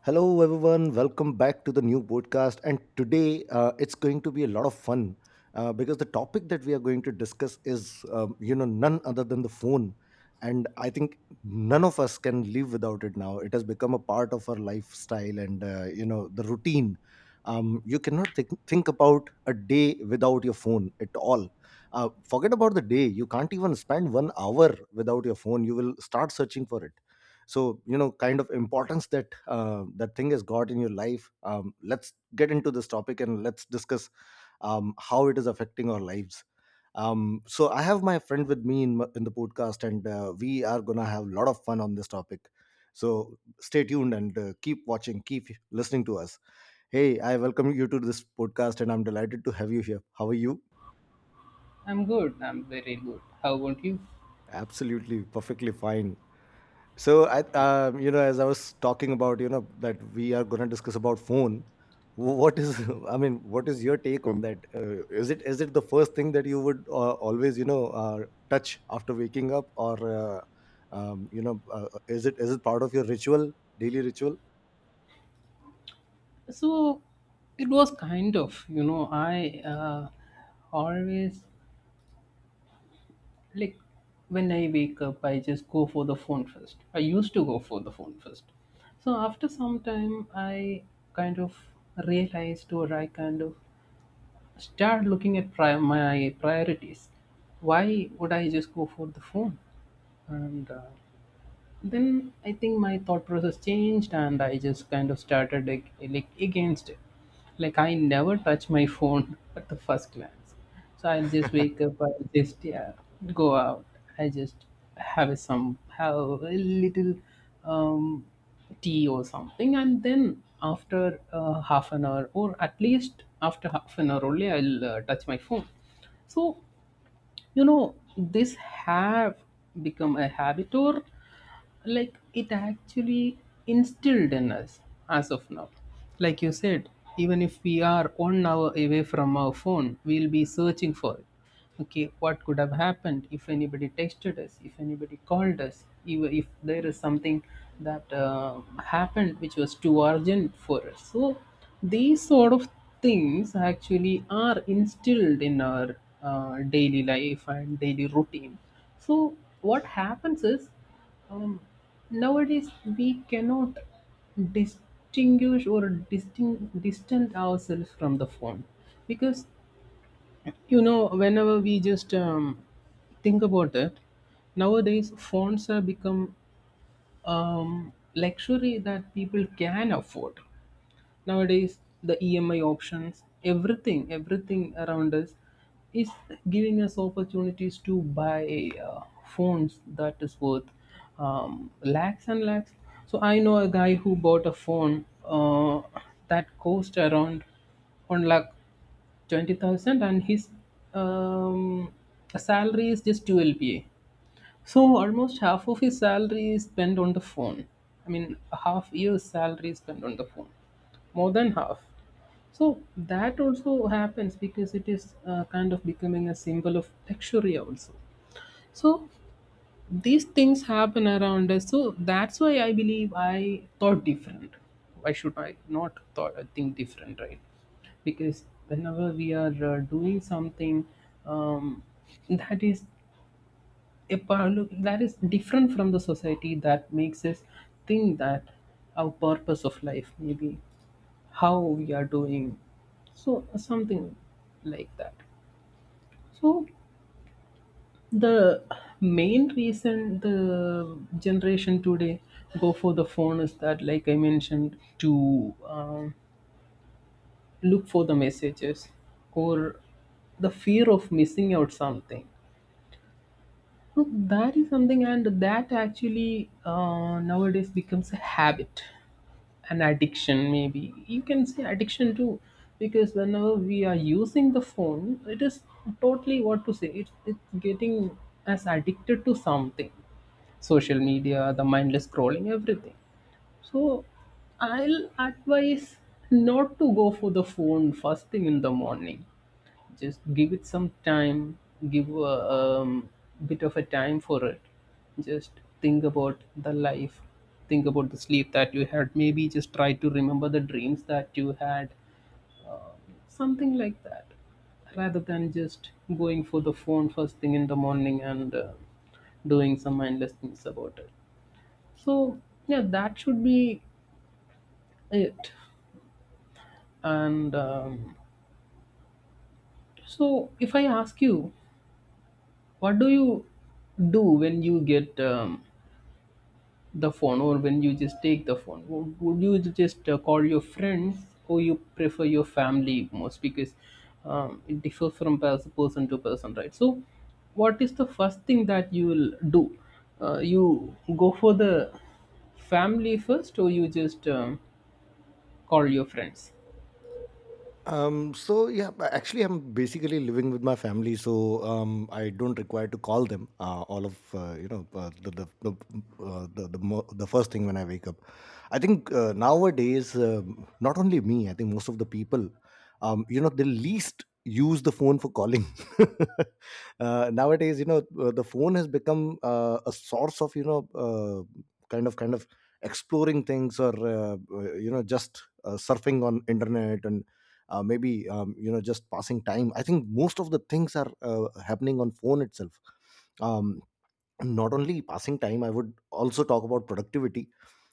Hello, everyone. Welcome back to the new podcast. And today it's going to be a lot of fun because the topic that we are going to discuss is, none other than the phone. And I think none of us can live without it now. It has become a part of our lifestyle and, the routine. You cannot think about a day without your phone at all. Forget about the day. You can't even spend 1 hour without your phone. You will start searching for it, so kind of importance that that thing has got in your life. Let's get into this topic and let's discuss how it is affecting our lives. So I have my friend with me in, in the podcast, and we are gonna have a lot of fun on this topic, so stay tuned and keep watching, keep listening to us. Hey, I welcome you to this podcast, and I'm delighted to have you here. How are you? I'm good. I'm very good. How about you? Absolutely, perfectly fine. So I, as I was talking about, that we are going to discuss about phone. What is, I mean, what is your take on that? Is it the first thing that you would always, touch after waking up, or is it part of your ritual, daily ritual? So it was kind of, you know, I always like when I wake up, I just go for the phone first. I used to go for the phone first. So after some time, I kind of realized, or I kind of start looking at my priorities. Why would I just go for the phone? And then I think my thought process changed, and I just kind of started like against it. Like I never touch my phone at the first glance. So I'll just wake up, I'll just, yeah, go out. I just have a little um, tea or something, and then after half an hour, or at least after half an hour only, I'll touch my phone. So, you know, this have become a habit, or like it actually instilled in us as of now. Like you said, even if we are 1 hour away from our phone, we'll be searching for it. Okay, what could have happened if anybody texted us, if anybody called us, even if there is something that happened which was too urgent for us. So these sort of things actually are instilled in our daily life and daily routine. So what happens is, um, nowadays, we cannot distinguish or distant ourselves from the phone, because, you know, whenever we just think about it, nowadays phones have become luxury that people can afford. Nowadays, the EMI options, everything, everything around us is giving us opportunities to buy phones that is worth lakhs and lakhs. So I know a guy who bought a phone that cost around 1,20,000, and his um, salary is just 12 pa. So almost half of his salary is spent on the phone. I mean, a half year's salary is spent on the phone, more than half. So that also happens because it is kind of becoming a symbol of luxury also. So these things happen around us. So that's why I believe I thought different. Why should I not thought think different, right? Because whenever we are doing something um, that is a power look that is different from the society, that makes us think that our purpose of life, maybe how we are doing, so something like that. So the main reason the generation today go for the phone is that, like I mentioned, to um, look for the messages, or the fear of missing out something. No, that is something, and that actually nowadays becomes a habit, an addiction, maybe. You can say addiction too, because whenever we are using the phone, it is totally, what to say, it's getting us addicted to something. Social media, the mindless scrolling, everything. So I'll advise not to go for the phone first thing in the morning. Just give it some time, give a bit of a time for it. Just think about the life, think about the sleep that you had. Maybe just try to remember the dreams that you had, something like that, rather than just going for the phone first thing in the morning and doing some mindless things about it. So, yeah, that should be it. And so, if I ask you, what do you do when you get the phone, or when you just take the phone? Would you just call your friends, or you prefer your family most, because it differs from person to person, right? So, what is the first thing that you will do? You go for the family first, or you just call your friends? So yeah, but actually, I'm basically living with my family, so I don't require to call them. All of you know the mo- the first thing when I wake up. I think nowadays, not only me, I think most of the people, they least use the phone for calling. Nowadays, the phone has become a source of, you know kind of kind of exploring things, or just surfing on internet, and maybe, just passing time. I think most of the things are happening on phone itself. um, Not only passing time, I would also talk about productivity.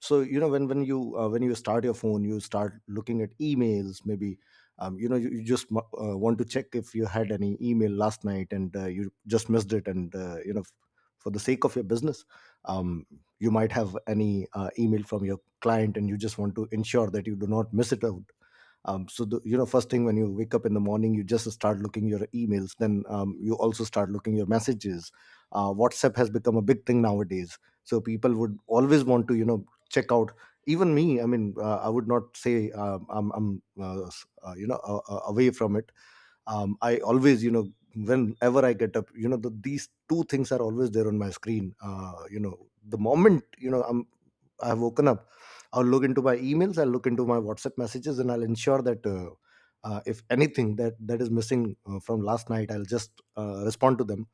So you know, when you when you start your phone, you start looking at emails, maybe. You, you want to check if you had any email last night, and you just missed it. And for the sake of your business, um, you might have any email from your client and you just want to ensure that you do not miss it out. So, the, you know first thing when you wake up in the morning, you just start looking your emails. Then you also start looking your messages. WhatsApp has become a big thing nowadays, so people would always want to, you know, check out. Even me, I mean, I would not say I'm away from it. I always, you know, whenever I get up, you know, these two things are always there on my screen. You know the moment you know I'm I have woken up, I'll look into my emails, I'll look into my WhatsApp messages, and I'll ensure that, if anything that is missing from last night, I'll just respond to them.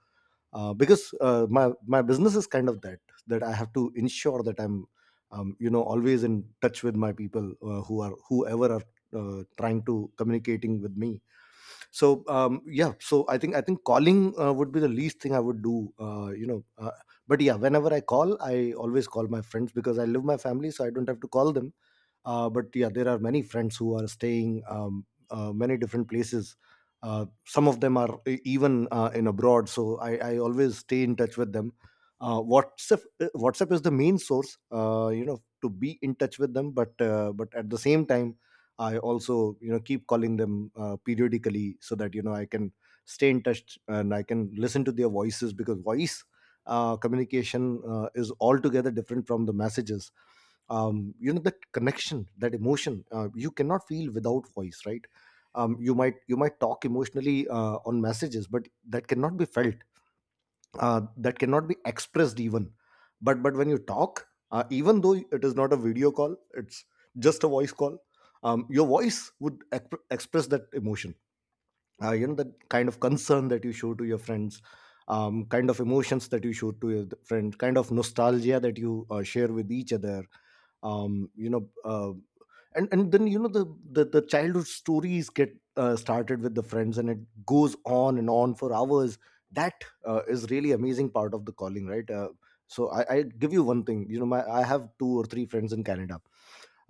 Because my business is kind of that, that I have to ensure that I'm, always in touch with my people, whoever are trying to communicating with me. So yeah, so I think calling would be the least thing I would do. But yeah, whenever I call, I always call my friends, because I live my family, so I don't have to call them. But yeah, there are many friends who are staying many different places. Some of them are even in abroad, so I always stay in touch with them. WhatsApp is the main source, to be in touch with them. But but at the same time, I also, you know, keep calling them periodically, so that you know I can stay in touch and I can listen to their voices. Because voice communication is altogether different from the messages. You know, that connection, that emotion, you cannot feel without voice, right? You might, talk emotionally on messages, but that cannot be felt, that cannot be expressed even. But, when you talk, even though it is not a video call, it's just a voice call, your voice would express that emotion. You know, that kind of concern that you show to your friends, kind of emotions that you show to your friend, kind of nostalgia that you share with each other. Um you know uh, and and then, you know, the childhood stories get started with the friends, and it goes on and on for hours. That is really amazing part of the calling, right? So I give you one thing. You know, my I have 2 or 3 friends in Canada.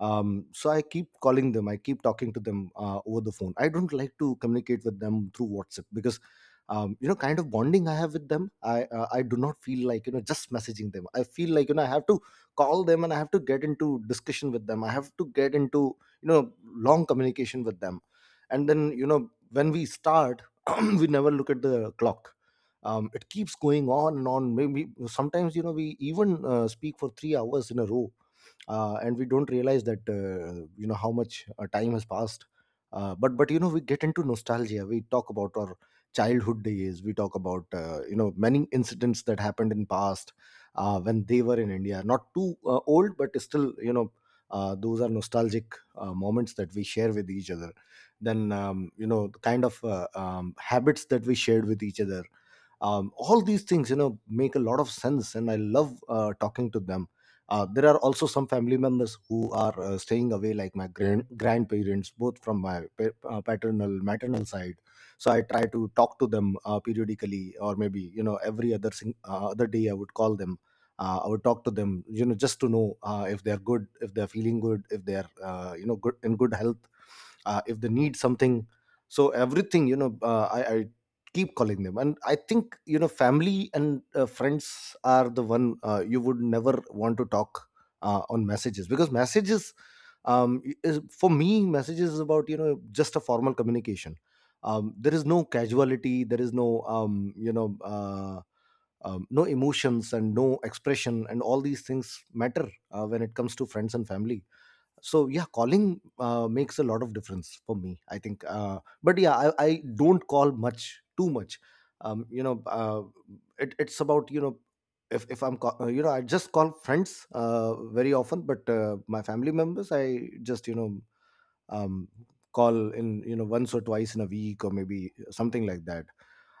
I keep calling them, I keep talking to them over the phone. I don't like to communicate with them through WhatsApp, because kind of bonding I have with them, I do not feel like, you know, just messaging them. I feel like, you know, I have to call them and I have to get into discussion with them, I have to get into, you know, long communication with them. And then, you know, when we start we never look at the clock. It keeps going on and on. Maybe sometimes, you know, we even speak for 3 hours in a row, and we don't realize that, how much time has passed. But you know, we get into nostalgia. We talk about our childhood days, we talk about, many incidents that happened in past, when they were in India. Not too old, but still, you know, those are nostalgic moments that we share with each other. Then you know, the kind of habits that we shared with each other. All these things, you know, make a lot of sense, and I love talking to them. There are also some family members who are staying away, like my grandparents, both from my paternal, maternal side. So I try to talk to them periodically, or maybe, you know, every other day I would call them. I would talk to them, you know, just to know if they're good, if they're feeling good, if they're, good in good health, if they need something. So everything, you know, I keep calling them. And I think, you know, family and friends are the one you would never want to talk on messages. Because messages for me, messages is about, you know, just a formal communication. There is no casuality, there is no no emotions and no expression. And all these things matter when it comes to friends and family. So yeah, calling makes a lot of difference for me, I think. But yeah, I don't call much too much. um, you know uh, it's about, you know, if I'm call, you know I just call friends very often. But my family members, I just, um, call in, you know, once or twice in a week or maybe something like that.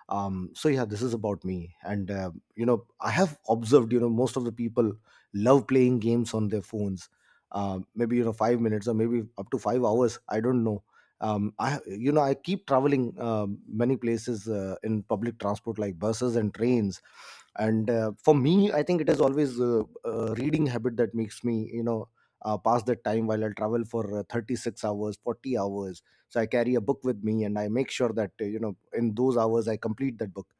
So yeah, this is about me. And I have observed, you know, most of the people love playing games on their phones. Maybe, you know, 5 minutes or maybe up to 5 hours, I don't know. I, you know, I keep traveling many places in public transport like buses and trains. And for me, I think it is always a reading habit that makes me, you know, pass the time while I travel for 36 hours, 40 hours. So I carry a book with me, and I make sure that, you know, in those hours I complete that book.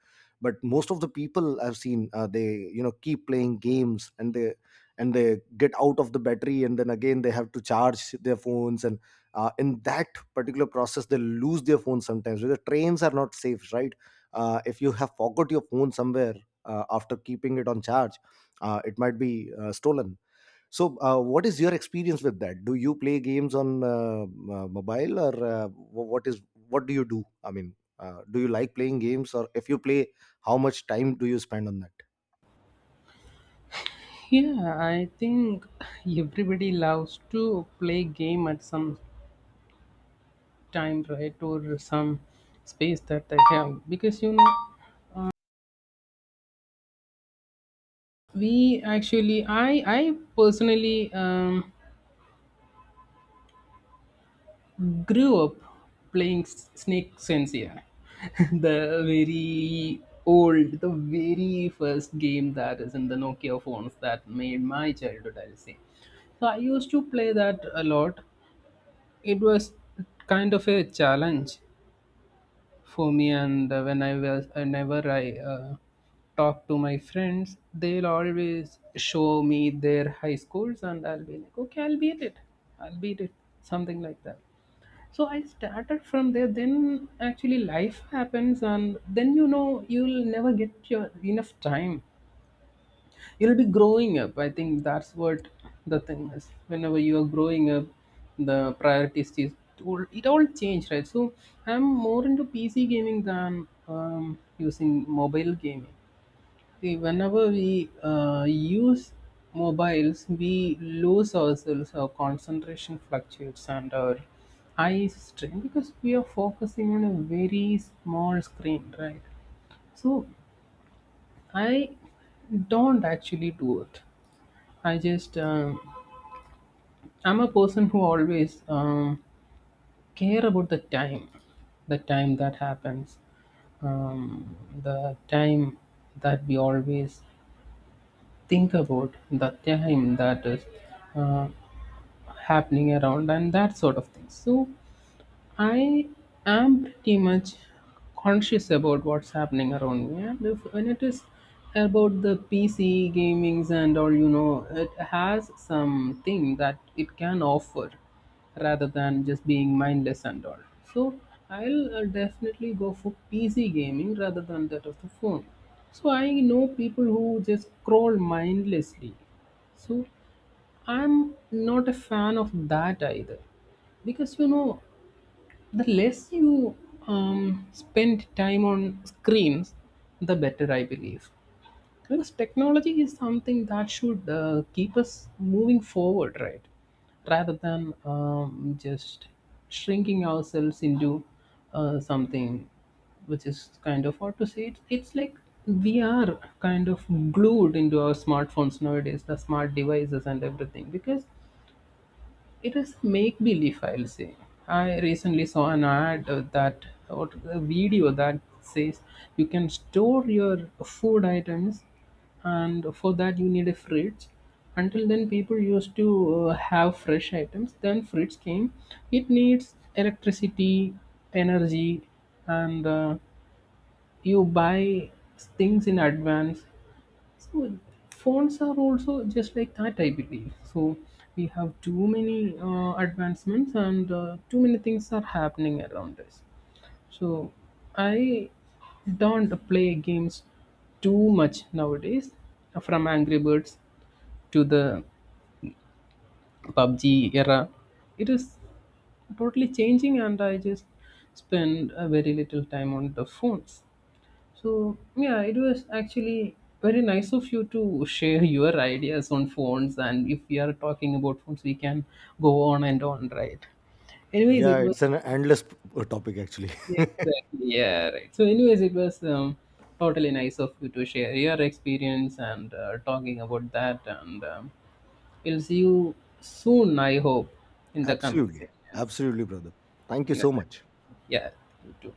But most of the people I've seen, they, you know, keep playing games, and they get out of the battery, and then again they have to charge their phones. And in that particular process, they lose their phones sometimes, because trains are not safe, right? If you have forgot your phone somewhere after keeping it on charge, it might be stolen. So, what is your experience with that? Do you play games on mobile, or what is, what do you do? I mean, do you like playing games? Or if you play, how much time do you spend on that? Yeah, I think everybody loves to play game at some time, right? Or some space that I have, because, you know, we actually, I personally, grew up playing snake sense, yeah. the the very first game that is in the Nokia phones, that made my childhood, I'll say. So I used to play that a lot. It was kind of a challenge for me. And whenever I talk to my friends, they'll always show me their high schools, and I'll be like, okay, I'll beat it, I'll beat it, something like that. So I started from there. Then actually life happens, and then, you know, you'll never get your enough time. You'll be growing up. I think that's what the thing is: whenever you are growing up, the priorities it all change, right? So I'm more into PC gaming than using mobile gaming. See, whenever we use mobiles, we lose ourselves, our concentration fluctuates, and our eyes strain, because we are focusing on a very small screen, right? So I don't actually do it. I just um, I'm a person who always care about the time that happens, um, the time that we always think about, the time that is uh, happening around, and that sort of thing. So I am pretty much conscious about what's happening around me. And if, when it is about the PC gamings and all, you know, it has something that it can offer, rather than just being mindless and all. So I'll definitely go for PC gaming rather than that of the phone. So I know people who just scroll mindlessly. So I'm not a fan of that either, because, you know, the less you spend time on screens, the better, I believe. Because technology is something that should keep us moving forward, right? Rather than just shrinking ourselves into something which is, kind of, what to say, it's like we are kind of glued into our smartphones nowadays, the smart devices and everything, because it is make believe, I'll say. I recently saw an ad that, or a video, that says you can store your food items, and for that you need a fridge. Until then, people used to have fresh items. Then fridge came. It needs electricity, energy, and you buy things in advance. So phones are also just like that, I believe. So we have too many advancements, and too many things are happening around us. So I don't play games too much nowadays. From Angry Birds to the PUBG era, it is totally changing, and I just spend a very little time on the phones. So, yeah, it was actually very nice of you to share your ideas on phones. And if we are talking about phones, we can go on and on, right? Anyways, Yeah, it was it's an endless topic actually. exactly, yeah, right. So, anyways, it was totally nice of you to share your experience and talking about that. and we'll see you soon, I hope, in the coming Absolutely, sections. absolutely, brother. Thank you Yeah, so much. yeah, you too.